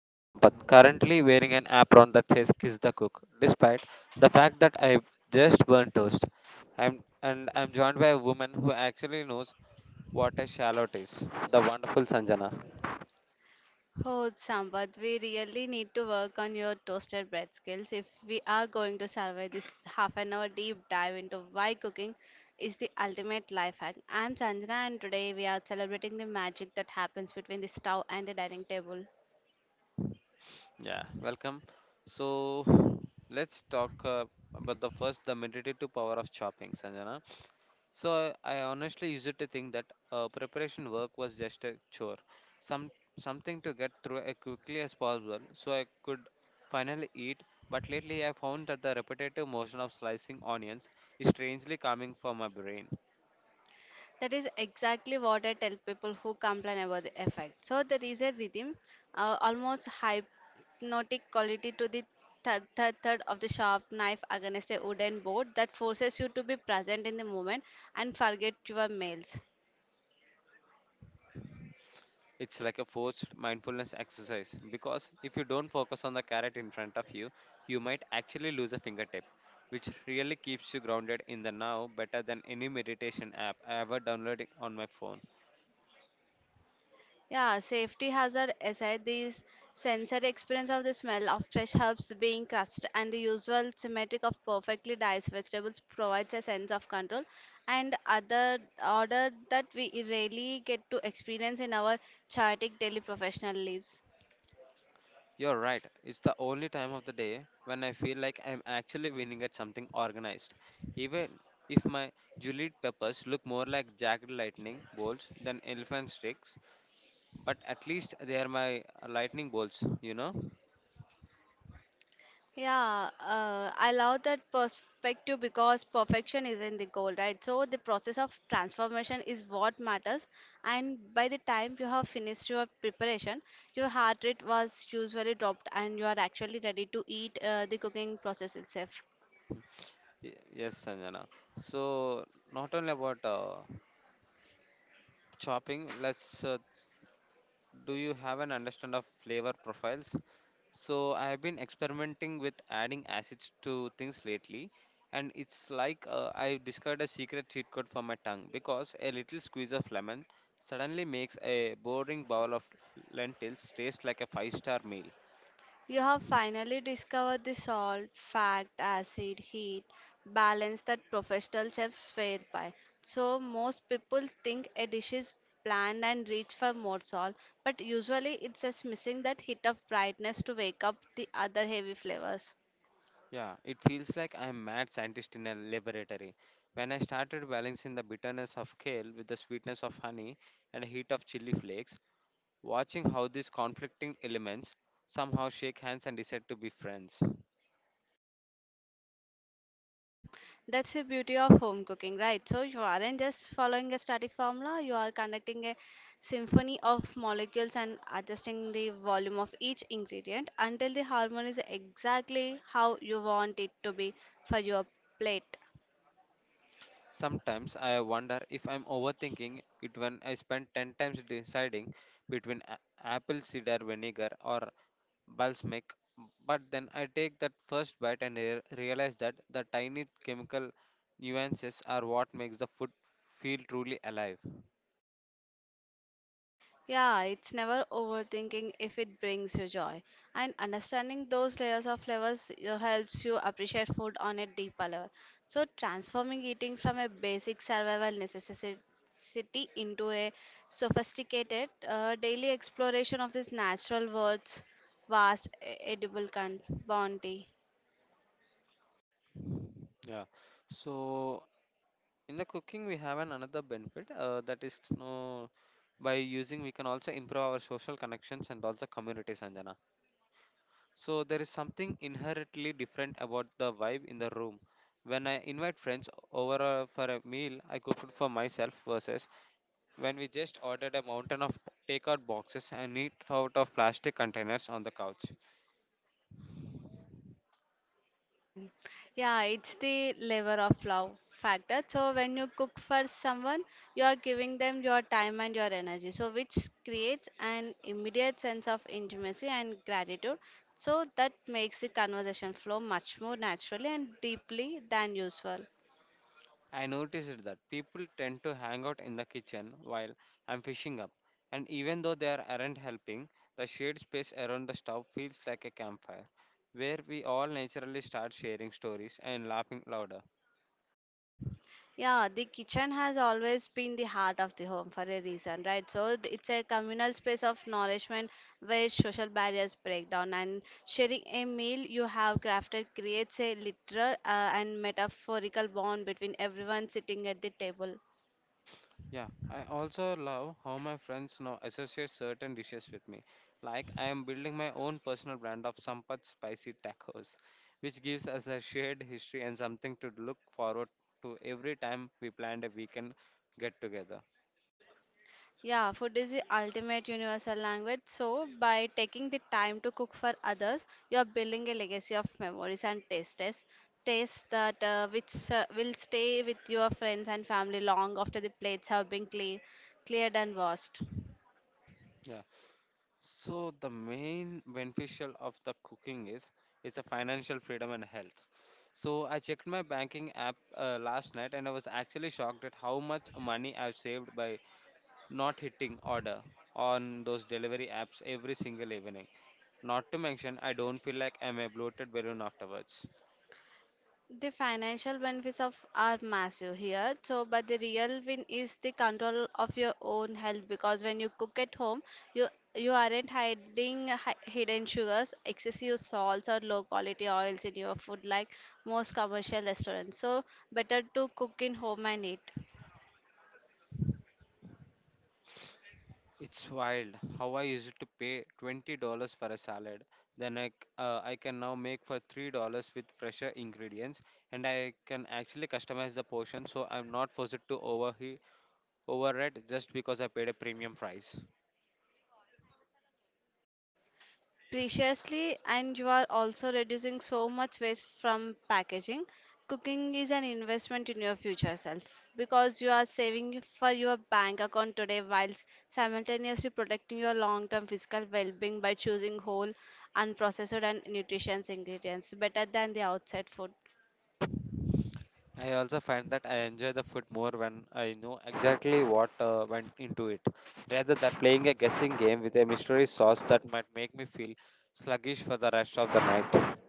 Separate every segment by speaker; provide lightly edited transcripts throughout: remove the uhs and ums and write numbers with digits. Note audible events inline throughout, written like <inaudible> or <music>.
Speaker 1: I am Sampath, currently wearing an apron that says Kiss the Cook, despite the fact that I've just burnt toast. And I'm joined by a woman who actually knows what a shallot is, the wonderful Sanjana.
Speaker 2: Oh, Sampath, we really need to work on your toasted bread skills if we are going to survive this half an hour deep dive into why cooking is the ultimate life hack. I'm Sanjana, and today we are celebrating the magic that happens between the stove and the dining table.
Speaker 1: Yeah, welcome. So, let's talk about the meditative power of chopping, Sanjana. So I honestly used to think that preparation work was just a chore, some something to get through as quickly as possible, so I could finally eat. But lately, I found that the repetitive motion of slicing onions is strangely calming for my brain.
Speaker 2: That is exactly what I tell people who complain about the effect. So there is a rhythm, almost hypnotic quality to the third of the sharp knife against a wooden board that forces you to be present in the moment and forget your mails.
Speaker 1: It's like a forced mindfulness exercise because if you don't focus on the carrot in front of you, you might actually lose a fingertip, which really keeps you grounded in the now better than any meditation app I ever downloaded on my phone.
Speaker 2: Yeah, safety hazard aside, the sensory experience of the smell of fresh herbs being crushed and the usual symmetric of perfectly diced vegetables provides a sense of control and other order that we rarely get to experience in our chaotic daily professional lives.
Speaker 1: You're right. It's the only time of the day when I feel like I'm actually winning at something organized. Even if my Juliet peppers look more like jagged lightning bolts than elephant sticks, but at least they are my lightning bolts, you know?
Speaker 2: Yeah, I love that perspective because perfection isn't the goal, right? So the process of transformation is what matters, and by the time you have finished your preparation, your heart rate was usually dropped, and you are actually ready to eat the cooking process itself.
Speaker 1: Y- Yes, Sanjana. So, not only about chopping, let's do you have an understand of flavor profiles? So I've been experimenting with adding acids to things lately, and it's like I've discovered a secret cheat code for my tongue because a little squeeze of lemon suddenly makes a boring bowl of lentils taste like a five-star meal.
Speaker 2: You have finally discovered the salt, fat, acid, heat balance that professional chefs swear by. So, most people think a dish is bland and rich for more salt, but usually it's just missing that hit of brightness to wake up the other heavy flavors.
Speaker 1: Yeah, it feels like I'm mad scientist in a laboratory. When I started balancing the bitterness of kale with the sweetness of honey and the heat of chili flakes, watching how these conflicting elements somehow shake hands and decide to be friends.
Speaker 2: That's the beauty of home cooking, right? So you aren't just following a static formula, you are conducting a symphony of molecules and adjusting the volume of each ingredient until the harmony is exactly how you want it to be for your plate.
Speaker 1: Sometimes I wonder if I'm overthinking it when I spend 10 times deciding between apple cider vinegar or balsamic, but then I take that first bite and realize that the tiny chemical nuances are what makes the food feel truly alive.
Speaker 2: Yeah, it's never overthinking if it brings you joy. And understanding those layers of flavors helps you appreciate food on a deeper level. So, transforming eating from a basic survival necessity into a sophisticated daily exploration of this natural world's vast edible bounty.
Speaker 1: Yeah. So in the cooking we have an another benefit that is no by using we can also improve our social connections and also communities Anjana. So there is something inherently different about the vibe in the room. When I invite friends over for a meal, I cook it for myself versus when we just ordered a mountain of takeout boxes and eat out of plastic containers on the couch.
Speaker 2: Can- Yeah, it's the lever of love factor. So when you cook for someone, you are giving them your time and your energy. So which creates an immediate sense of intimacy and gratitude. So that makes the conversation flow much more naturally and deeply than usual.
Speaker 1: I noticed that people tend to hang out in the kitchen while I'm fishing up, and even though aren't helping, the shared space around the stove feels like a campfire where we all naturally start sharing stories and laughing louder.
Speaker 2: Yeah, the kitchen has always been the heart of the home for a reason, right? So it's a communal space of nourishment where social barriers break down, and sharing a meal you have crafted creates a literal and metaphorical bond between everyone sitting at the table.
Speaker 1: Yeah, I also love how my friends now associate certain dishes with me. Like I am building my own personal brand of Sampat spicy tacos, which gives us a shared history and something to look forward to every time we plan a weekend get together.
Speaker 2: Yeah, food is the ultimate universal language. So, by taking the time to cook for others, you are building a legacy of memories and tastes, tastes that which will stay with your friends and family long after the plates have been cleared and washed.
Speaker 1: Yeah. So the main beneficial of the cooking is a financial freedom and health. So I checked my banking app last night and I was actually shocked at how much money I've saved by not hitting order on those delivery apps every single evening. Not to mention, I don't feel like I'm a bloated balloon afterwards.
Speaker 2: The financial benefits of are massive here. So, but the real win is the control of your own health because when you cook at home, you you aren't hiding hidden sugars, excessive salts, or low quality oils in your food like most commercial restaurants. So, better to cook in home and eat.
Speaker 1: It's wild how I used to pay $20 for a salad. Then I can now make for $3 with fresher ingredients and I can actually customize the portion so I'm not forced to overhead just because I paid a premium price.
Speaker 2: Preciously, and you are also reducing so much waste from packaging. Cooking is an investment in your future self because you are saving for your bank account today while simultaneously protecting your long term physical well being by choosing whole, unprocessed, and nutritious ingredients better than the outside food.
Speaker 1: I also find that I enjoy the food more when I know exactly what went into it, rather than playing a guessing game with a mystery sauce that might make me feel sluggish for the rest of the night.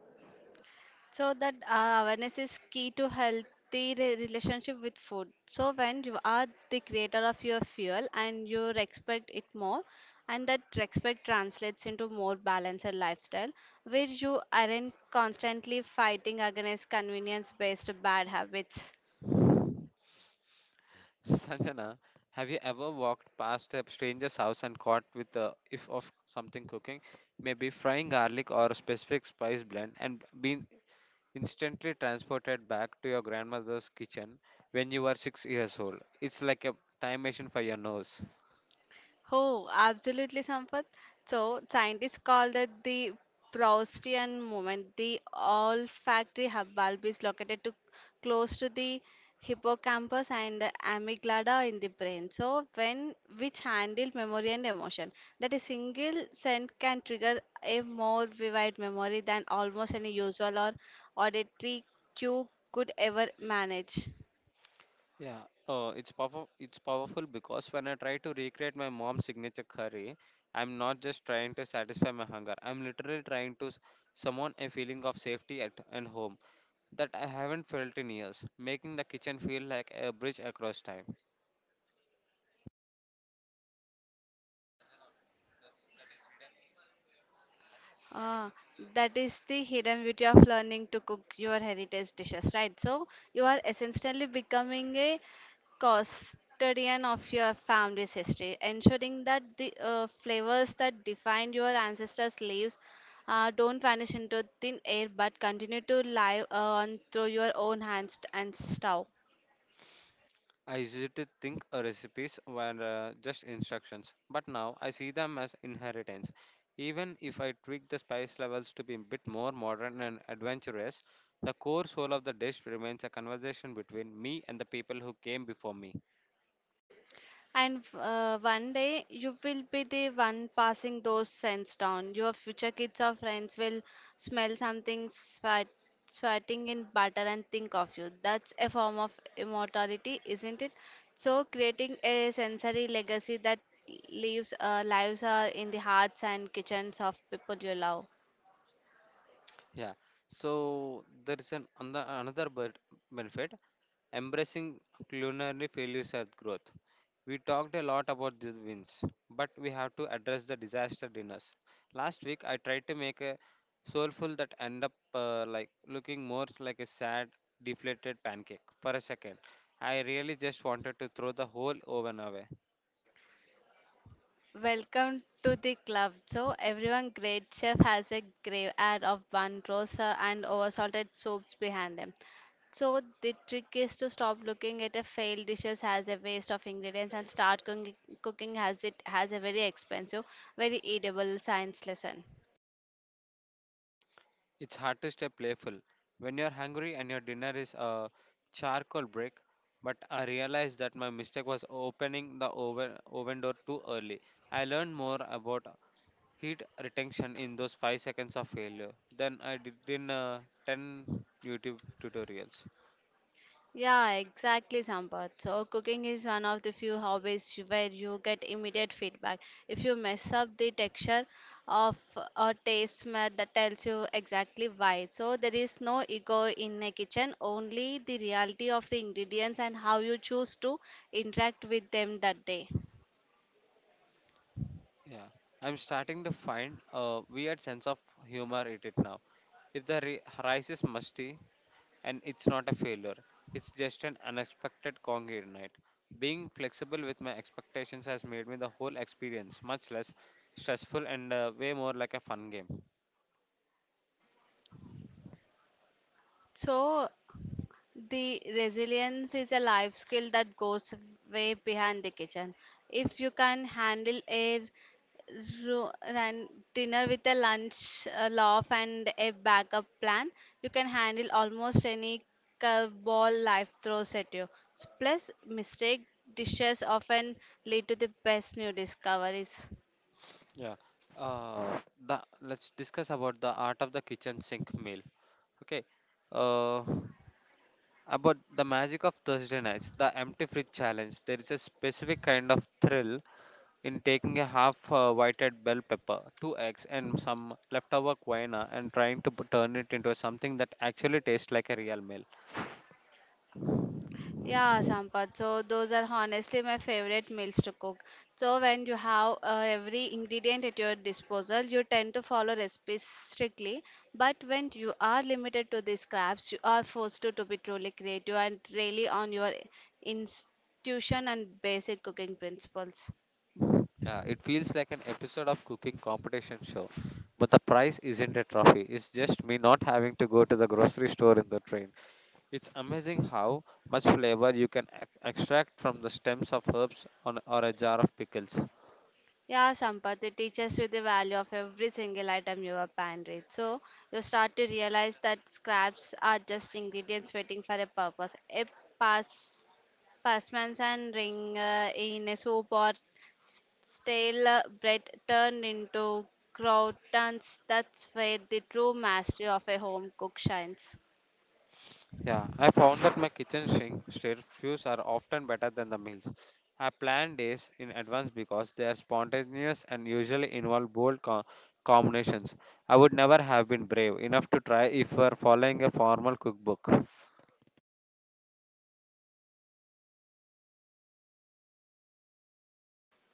Speaker 2: So that awareness is key to healthy relationship with food. So when you are the creator of your fuel and you respect it more, and that respect translates into more balanced lifestyle, where you aren't constantly fighting against convenience-based bad habits.
Speaker 1: <laughs> Sanjana, have you ever walked past a stranger's house and caught with the if of something cooking, maybe frying garlic or a specific spice blend, and been instantly transported back to your grandmother's kitchen when you were 6 years old? It's like a time machine for your nose.
Speaker 2: Oh, absolutely, Sampath. So, scientists call that the Proustian moment. The olfactory hub bulb is located to close to the hippocampus and the amygdala in the brain. So, when which handle memory and emotion, that a single scent can trigger a more vivid memory than almost any usual or auditory cue could ever manage.
Speaker 1: Yeah, it's powerful. It's powerful because when I try to recreate my mom's signature curry, I'm not just trying to satisfy my hunger. I'm literally trying to summon a feeling of safety at and home that I haven't felt in years, making the kitchen feel like a bridge across time.
Speaker 2: Ah, that is the hidden beauty of learning to cook your heritage dishes, right? So you are essentially becoming a custodian of your family's history, ensuring that the flavors that defined your ancestors' lives don't vanish into thin air but continue to live on through your own hands and stove.
Speaker 1: I used to think recipes were just instructions, but now I see them as inheritance. Even if I tweak the spice levels to be a bit more modern and adventurous, the core soul of the dish remains a conversation between me and the people who came before me.
Speaker 2: And one day you will be the one passing those scents down. Your future kids or friends will smell something sweating in butter and think of you. That's a form of immortality, isn't it? So, creating a sensory legacy that leaves lives are in the hearts and kitchens of people you love.
Speaker 1: Yeah. So there is an another benefit embracing culinary failures as growth. We talked a lot about the wins, but we have to address the disaster dinners. Last week, I tried to make a soulful that end up like looking more like a sad, deflated pancake. For a second, I really just wanted to throw the whole oven away.
Speaker 2: Welcome to the club. So everyone great chef has a grave ad of bun roast and oversalted soups behind them. So the trick is to stop looking at a failed dishes as a waste of ingredients and start cooking as it has a very expensive, very eatable science lesson.
Speaker 1: It's hard to stay playful when you're hungry and your dinner is a charcoal brick. But I realized that my mistake was opening the oven door too early. I learned more about heat retention in those 5 seconds of failure than I did in 10 YouTube tutorials.
Speaker 2: Yeah, exactly, Sampath. So, cooking is one of the few hobbies where you get immediate feedback. If you mess up the texture of a taste smell that tells you exactly why. So, there is no ego in a kitchen, only the reality of the ingredients and how you choose to interact with them that day.
Speaker 1: Yeah, I'm starting to find a weird sense of humor in it now. If the rice is musty and it's not a failure, it's just an unexpected congenial night. Being flexible with my expectations has made me the whole experience much less stressful and way more like a fun game.
Speaker 2: So, the resilience is a life skill that goes way behind the kitchen. If you can handle a ru- ran- dinner with a lunch, a laugh, and a backup plan, you can handle almost any curveball life throws at you. Plus, mistake dishes often lead to the best new discoveries.
Speaker 1: Yeah. Uh, let's discuss about the art of the kitchen sink meal. Okay. Uh, about the magic of Thursday nights, the empty fridge challenge. There is a specific kind of thrill in taking a half whited bell pepper, two eggs, and some leftover quinoa and trying to turn it into something that actually tastes like a real meal.
Speaker 2: Yeah, Sampath. So those are honestly my favorite meals to cook. So when you have every ingredient at your disposal, you tend to follow recipes strictly. But when you are limited to the scraps, you are forced to be truly creative and really on your intuition and basic cooking principles.
Speaker 1: It feels like an episode of cooking competition show. But the prize isn't a trophy. It's just me not having to go to the grocery store in the train. It's amazing how much flavor you can extract from the stems of herbs on, or a jar of pickles.
Speaker 2: Yeah, Sampath, it teaches you the value of every single item you have pantry. So you start to realize that scraps are just ingredients waiting for a purpose. A pass, passmans and ring in a soup or stale bread turned into croutons. That's where the true mastery of a home cook shines.
Speaker 1: Yeah, I found that my kitchen sink refuse are often better than the meals. I plan days in advance because they are spontaneous and usually involve bold combinations. I would never have been brave enough to try if we are following a formal cookbook.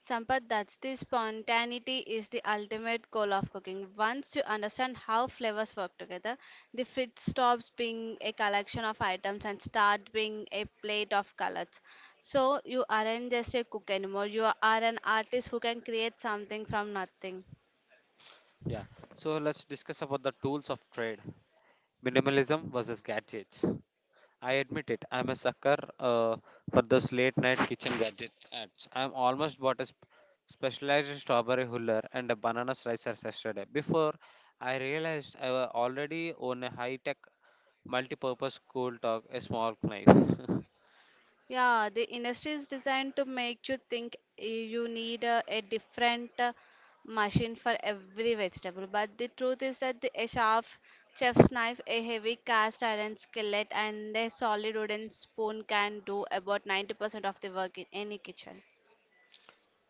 Speaker 2: Sampath, that's the spontaneity is the ultimate goal of cooking. Once you understand how flavors work together, the fridge stops being a collection of items and start being a plate of colors. So you aren't just a cook anymore. You are an artist who can create something from nothing.
Speaker 1: Yeah, so let's discuss about the tools of trade minimalism versus gadgets. I admit it. I'm a sucker for those late night kitchen gadget ads. I'm almost bought a specialized strawberry huller and a banana slicer yesterday. Before I realized I already own a high tech multi purpose cool talk, a small knife. <laughs>
Speaker 2: Yeah, the industry is designed to make you think you need a different machine for every vegetable. But the truth is that a sharp chef's knife, a heavy cast iron skillet, and a solid wooden spoon can do about 90% of the work in any kitchen.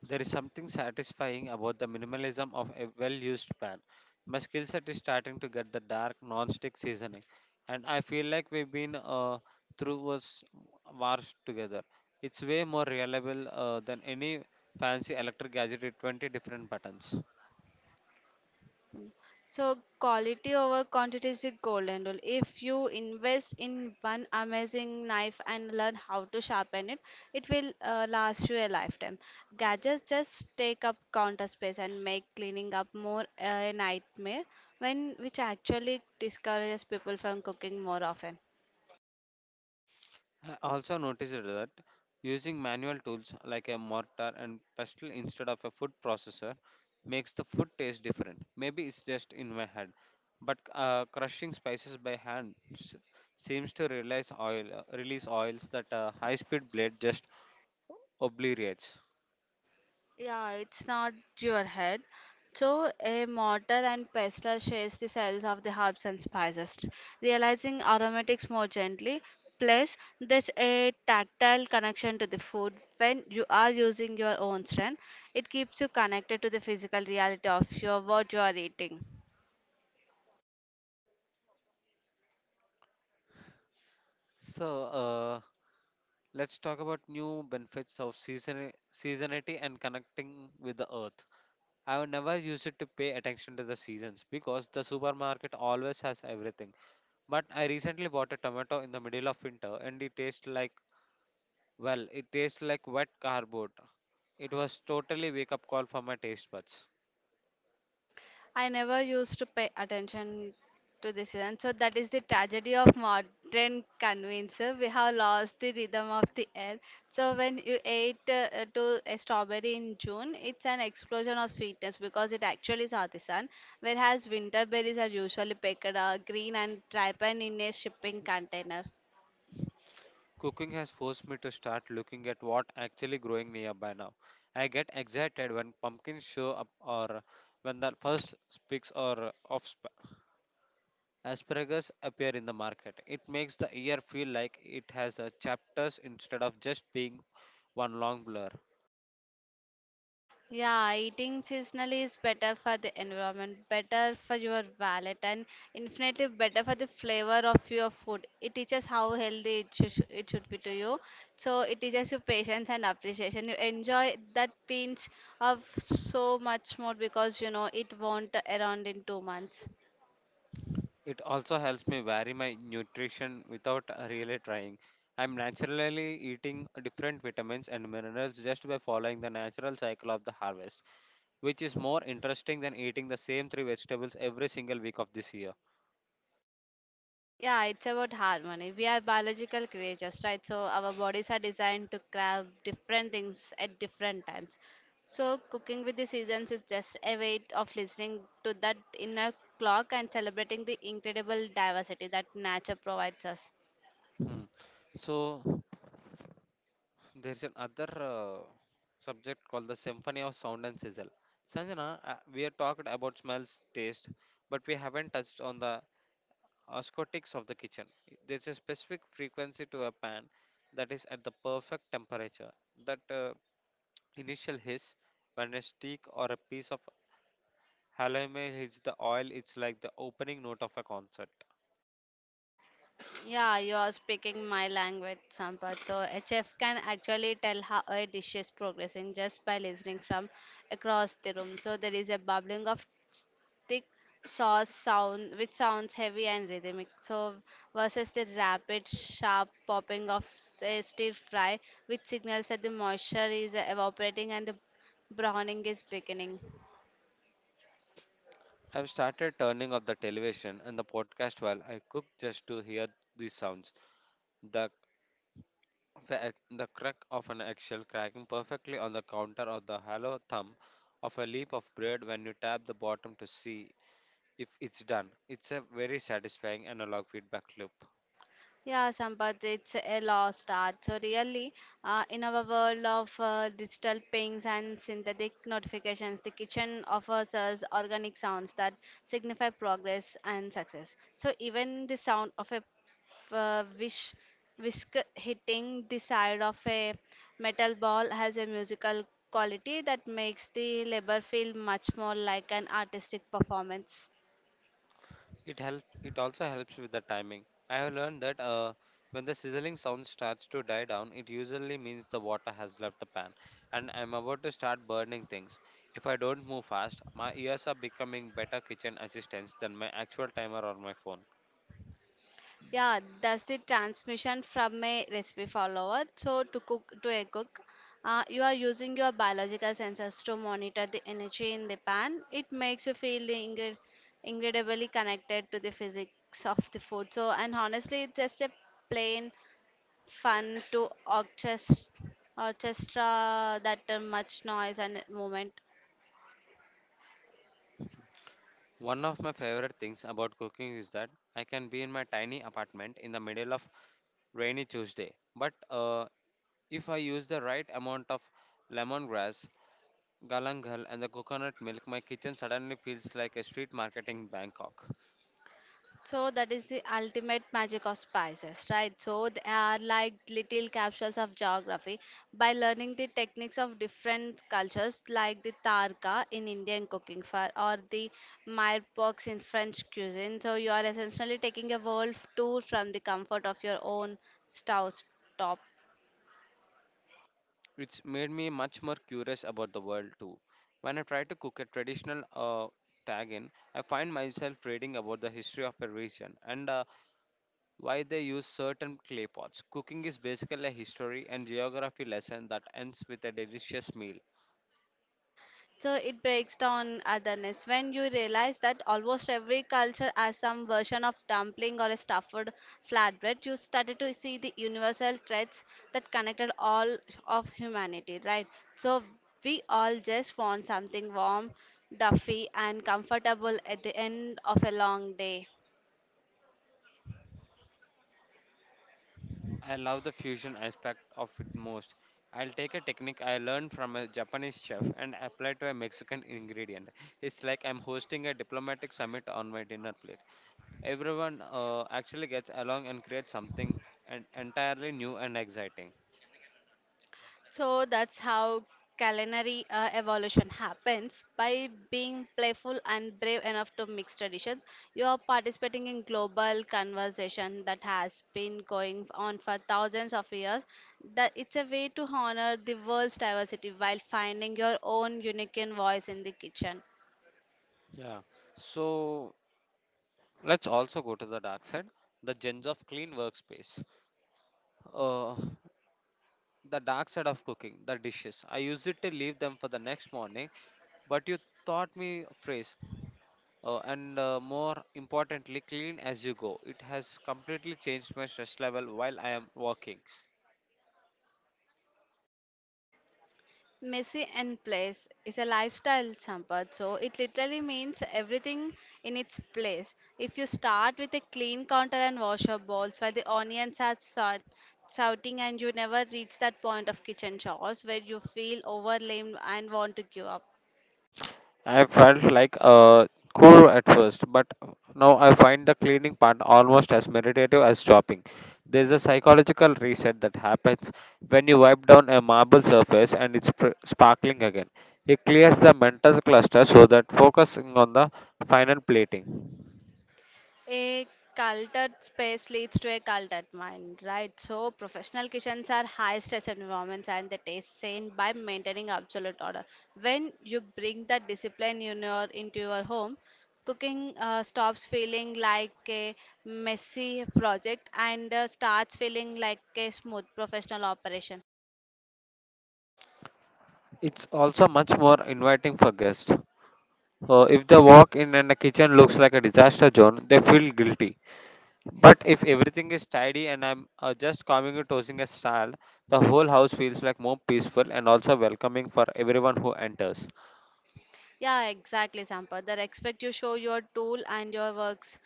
Speaker 1: There is something satisfying about the minimalism of a well used pan. My skill set is starting to get the dark non stick seasoning, and I feel like we've been through us wars together. It's way more reliable than any fancy electric gadget with 20 different buttons.
Speaker 2: So quality over quantity is the golden rule. If you invest in one amazing knife and learn how to sharpen it, it will last you a lifetime. Gadgets just take up counter space and make cleaning up more a nightmare, when which actually discourages people from cooking more often.
Speaker 1: I also noticed that using manual tools like a mortar and pestle instead of a food processor makes the food taste different. Maybe it's just in my head, but crushing spices by hand seems to release release oils that a high-speed blade just obliterates.
Speaker 2: Yeah, it's not your head. So, a mortar and pestle shares the cells of the herbs and spices, realizing aromatics more gently. Plus, there's a tactile connection to the food. When you are using your own strength, it keeps you connected to the physical reality of your what you are eating.
Speaker 1: So let's talk about new benefits of seasonality and connecting with the earth. I have never used it to pay attention to the seasons because the supermarket always has everything. But I recently bought a tomato in the middle of winter and it tastes like, well, it tastes like wet cardboard. It was totally wake up call for my taste buds.
Speaker 2: I never used to pay attention to this season. So that is the tragedy of modern convenience. We have lost the rhythm of the air. So when you ate to a strawberry in June, it's an explosion of sweetness because it actually saw the sun. Whereas winter berries are usually picked green and ripened in a shipping container.
Speaker 1: Cooking has forced me to start looking at what actually growing nearby now. I get excited when pumpkins show up or when the first spicks or of asparagus appear in the market. It makes the year feel like it has a chapters instead of just being one long blur.
Speaker 2: Yeah, eating seasonally is better for the environment, better for your wallet, and infinitely better for the flavor of your food. It teaches how healthy it should be to you. So it teaches you patience and appreciation. You enjoy that pinch of so much more because you know it won't around in 2 months.
Speaker 1: It also helps me vary my nutrition without really trying. I'm naturally eating different vitamins and minerals just by following the natural cycle of the harvest, which is more interesting than eating the same 3 vegetables every single week of this year.
Speaker 2: Yeah, it's about harmony. We are biological creatures, right? So our bodies are designed to crave different things at different times. So cooking with the seasons is just a way of listening to that inner clock and celebrating the incredible diversity that nature provides us.
Speaker 1: Hmm. So, there's another subject called the symphony of sound and sizzle, Sanjana. We have talked about smells taste but we haven't touched on the Oscotics of the kitchen. There's a specific frequency to a pan that is at the perfect temperature. That initial hiss, when a stick or a piece of halloumi hits the oil, it's like the opening note of a concert.
Speaker 2: Yeah, you are speaking my language, Sampath. So a chef can actually tell how a dish is progressing just by listening from across the room. So there is a bubbling of thick sauce sound, which sounds heavy and rhythmic. So versus the rapid, sharp popping of a stir fry, which signals that the moisture is evaporating and the browning is beginning.
Speaker 1: I've started turning off the television and the podcast while I cook just to hear these sounds. The the crack of an eggshell cracking perfectly on the counter, or the hollow thumb of a leaf of bread when you tap the bottom to see if it's done. It's a very satisfying analog feedback loop.
Speaker 2: Yeah, Sampath, it's a lost art. So really, in our world of digital pings and synthetic notifications, the kitchen offers us organic sounds that signify progress and success. So even the sound of a wish whisk hitting the side of a metal ball has a musical quality that makes the labor feel much more like an artistic performance.
Speaker 1: It helps. It also helps with the timing. I have learned that when the sizzling sound starts to die down, it usually means the water has left the pan, and I'm about to start burning things. If I don't move fast, my ears are becoming better kitchen assistants than my actual timer or my phone.
Speaker 2: Yeah, that's the transmission from a recipe follower. So to a cook, you are using your biological sensors to monitor the energy in the pan. It makes you feel incredibly connected to the physics of the food. So and honestly, it's just a plain fun to orchestra that much noise and movement.
Speaker 1: One of my favorite things about cooking is that I can be in my tiny apartment in the middle of rainy Tuesday. But if I use the right amount of lemongrass, Galangal, and the coconut milk, my kitchen suddenly feels like a street market in Bangkok.
Speaker 2: So that is the ultimate magic of spices, right? So they are like little capsules of geography. By learning the techniques of different cultures, like the tarka in Indian cooking for, or the mirepoix in French cuisine, so you are essentially taking a world tour from the comfort of your own stove top.
Speaker 1: It's made me much more curious about the world too. When I try to cook a traditional tagine, I find myself reading about the history of a region and why they use certain clay pots. Cooking is basically a history and geography lesson that ends with a delicious meal.
Speaker 2: So it breaks down otherness. When you realize that almost every culture has some version of dumpling or a stuffed flatbread, you started to see the universal threads that connected all of humanity, right? So we all just want something warm, duffy, and comfortable at the end of a long day.
Speaker 1: I love the fusion aspect of it most. I'll take a technique I learned from a Japanese chef and apply to a Mexican ingredient. It's like I'm hosting a diplomatic summit on my dinner plate. Everyone actually gets along and creates something entirely new and exciting.
Speaker 2: So that's how culinary evolution happens by being playful and brave enough to mix traditions. You are participating in global conversation that has been going on for thousands of years. That it's a way to honor the world's diversity while finding your own unique voice in the kitchen.
Speaker 1: Yeah. So let's also go to the dark side, the gems of clean workspace. Uh, the dark side of cooking, the dishes. I use it to leave them for the next morning, but you taught me a phrase, and more importantly, clean as you go. It has completely changed my stress level while I am working.
Speaker 2: Messy and place is a lifestyle, Sampath. So it literally means everything in its place. If you start with a clean counter and wash your bowls while the onions are sort, shouting and you never reach that point of kitchen chores where you feel overwhelmed and want to give up.
Speaker 1: I felt like a chore at first, but now I find the cleaning part almost as meditative as shopping. There's a psychological reset that happens when you wipe down a marble surface and it's sparkling again. It clears the mental cluster so that focusing on the final plating.
Speaker 2: A cultured space leads to a cultured mind, right? So, professional kitchens are high stress environments and they taste sane by maintaining absolute order. When you bring that discipline in into your home, cooking stops feeling like a messy project and starts feeling like a smooth professional operation.
Speaker 1: It's also much more inviting for guests. If the walk in and the kitchen looks like a disaster zone, they feel guilty. But if everything is tidy and I'm just coming and tossing a salad, the whole house feels like more peaceful and also welcoming for everyone who enters.
Speaker 2: Yeah, exactly, Sampath. The respect you show your tool and your works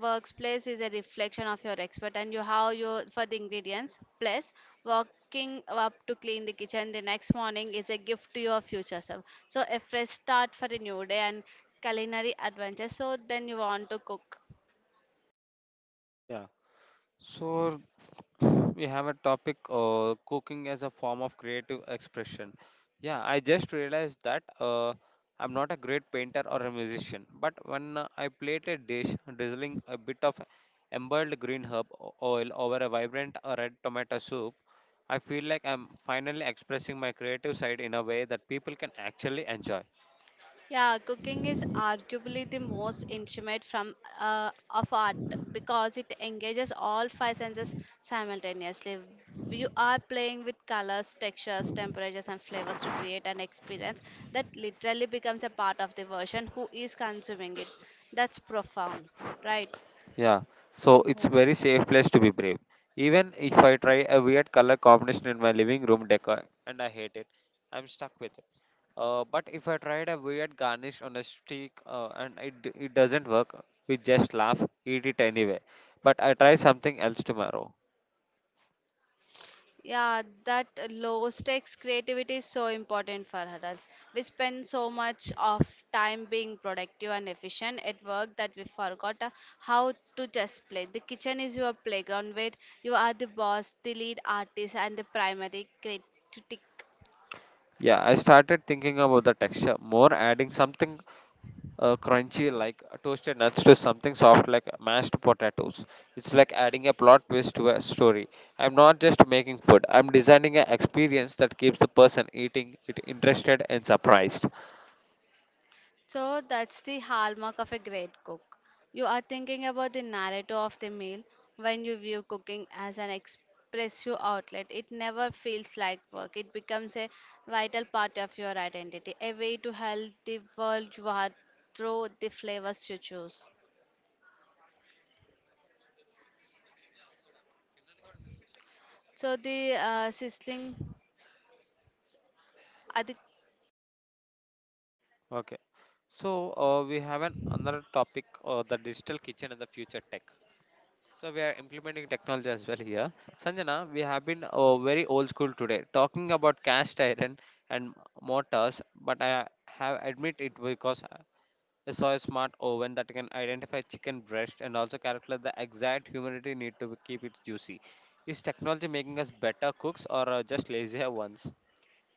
Speaker 2: workplace is a reflection of your expert and you how you for the ingredients plus walking up to clean the kitchen the next morning is a gift to your future self, so a fresh start for a new day and culinary adventure, so then you want to cook.
Speaker 1: Yeah. So we have a topic, cooking as a form of creative expression. Yeah, I just realized that I'm not a great painter or a musician, but when I plate a dish, drizzling a bit of embroiled green herb oil over a vibrant red tomato soup, I feel like I'm finally expressing my creative side in a way that people can actually enjoy.
Speaker 2: Yeah, cooking is arguably the most intimate from of art because it engages all five senses simultaneously. You are playing with colors, textures, temperatures, and flavors to create an experience that literally becomes a part of the version who is consuming it. That's profound, right?
Speaker 1: Yeah, so it's very safe place to be brave. Even if I try a weird color combination in my living room decor and I hate it, I'm stuck with it. But if I tried a weird garnish on a stick and it doesn't work, we just laugh, eat it anyway. But I try something else tomorrow.
Speaker 2: Yeah, that low stakes creativity is so important for adults. We spend so much of time being productive and efficient at work that we forgot how to just play. The kitchen is your playground where you are the boss, the lead artist, and the critic.
Speaker 1: Yeah, I started thinking about the texture more, adding something crunchy like toasted nuts to something soft like mashed potatoes. It's like adding a plot twist to a story. I'm not just making food, I'm designing an experience that keeps the person eating it interested and surprised.
Speaker 2: So that's the hallmark of a great cook. You are thinking about the narrative of the meal when you view cooking as an expressive outlet. It never feels like work. It becomes a vital part of your identity, a way to help the world you are through the flavors you choose. So the sizzling.
Speaker 1: Okay, so we have an another topic, the digital kitchen and the future tech. So we are implementing technology as well here. Sanjana, we have been very old school today, talking about cast iron and mortars, but I have admit it because I saw a smart oven that can identify chicken breast and also calculate the exact humidity need to keep it juicy. Is technology making us better cooks, or just lazier ones?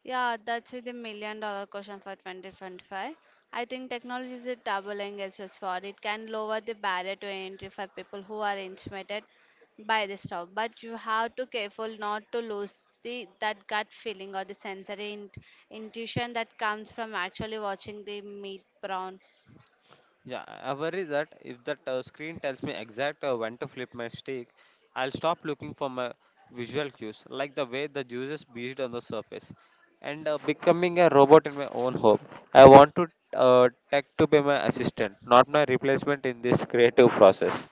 Speaker 2: Yeah, that's the million-dollar question for 2025. I think technology is a doubling as just for it can lower the barrier to entry for people who are intimidated by this stuff. But you have to careful not to lose the that gut feeling or the sensory intuition that comes from actually watching the meat brown.
Speaker 1: Yeah, I worry that if that screen tells me exact when to flip my steak, I'll stop looking for my visual cues, like the way the juices beached on the surface, and becoming a robot in my own home. I want to tech to be my assistant, not my replacement in this creative process.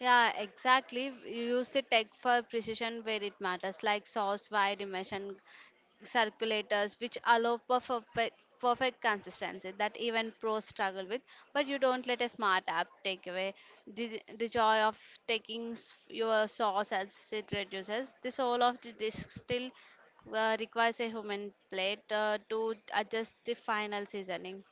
Speaker 2: Yeah, exactly. You use the tech for precision where it matters, like sauce, wide immersion, circulators, which allow perfect consistency that even pros struggle with. But you don't let a smart app take away the joy of taking your sauce as it reduces. The soul of the dish still requires a human plate to adjust the final seasoning.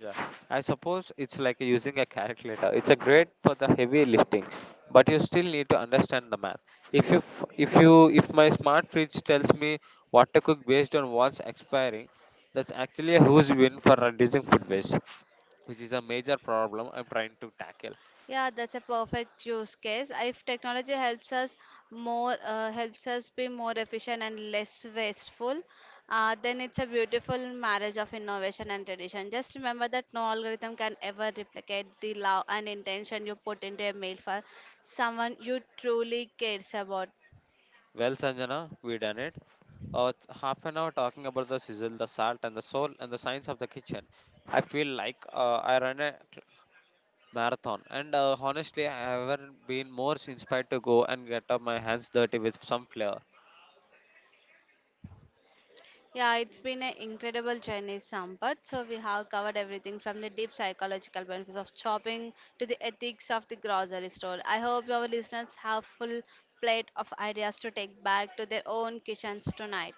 Speaker 1: Yeah, I suppose it's like using a calculator. It's a great for the heavy lifting, but you still need to understand the math. If you if my smart fridge tells me what to cook based on what's expiring, that's actually a huge win for reducing food waste, which is a major problem I'm trying to tackle.
Speaker 2: Yeah, that's a perfect use case. If technology helps us helps us be more efficient and less wasteful, then it's a beautiful marriage of innovation and tradition. Just remember that no algorithm can ever replicate the love and intention you put into a mail for someone you truly cares about.
Speaker 1: Well, Sanjana, we done it. It's half an hour talking about the sizzle, the salt, and the soul, and the science of the kitchen. I feel like I run a marathon, and honestly I haven't been more inspired to go and get up my hands dirty with some flair.
Speaker 2: Yeah, it's been an incredible journey, Sampath. So we have covered everything from the deep psychological benefits of shopping to the ethics of the grocery store. I hope our listeners have full plate of ideas to take back to their own kitchens tonight.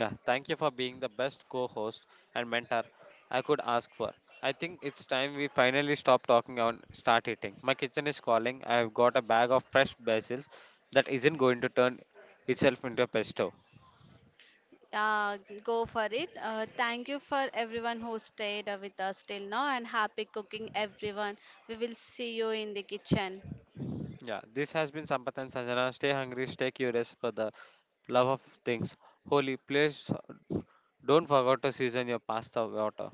Speaker 1: Yeah, thank you for being the best co-host and mentor I could ask for. I think it's time we finally stop talking and start eating. My kitchen is calling. I've got a bag of fresh basils that isn't going to turn itself into a pesto.
Speaker 2: Yeah, go for it. Thank you for everyone who stayed with us till now and happy cooking, everyone. We will see you in the kitchen.
Speaker 1: Yeah, this has been Sampath and Sanjana. Stay hungry, stay curious, for the love of things holy, please don't forget to season your pasta water.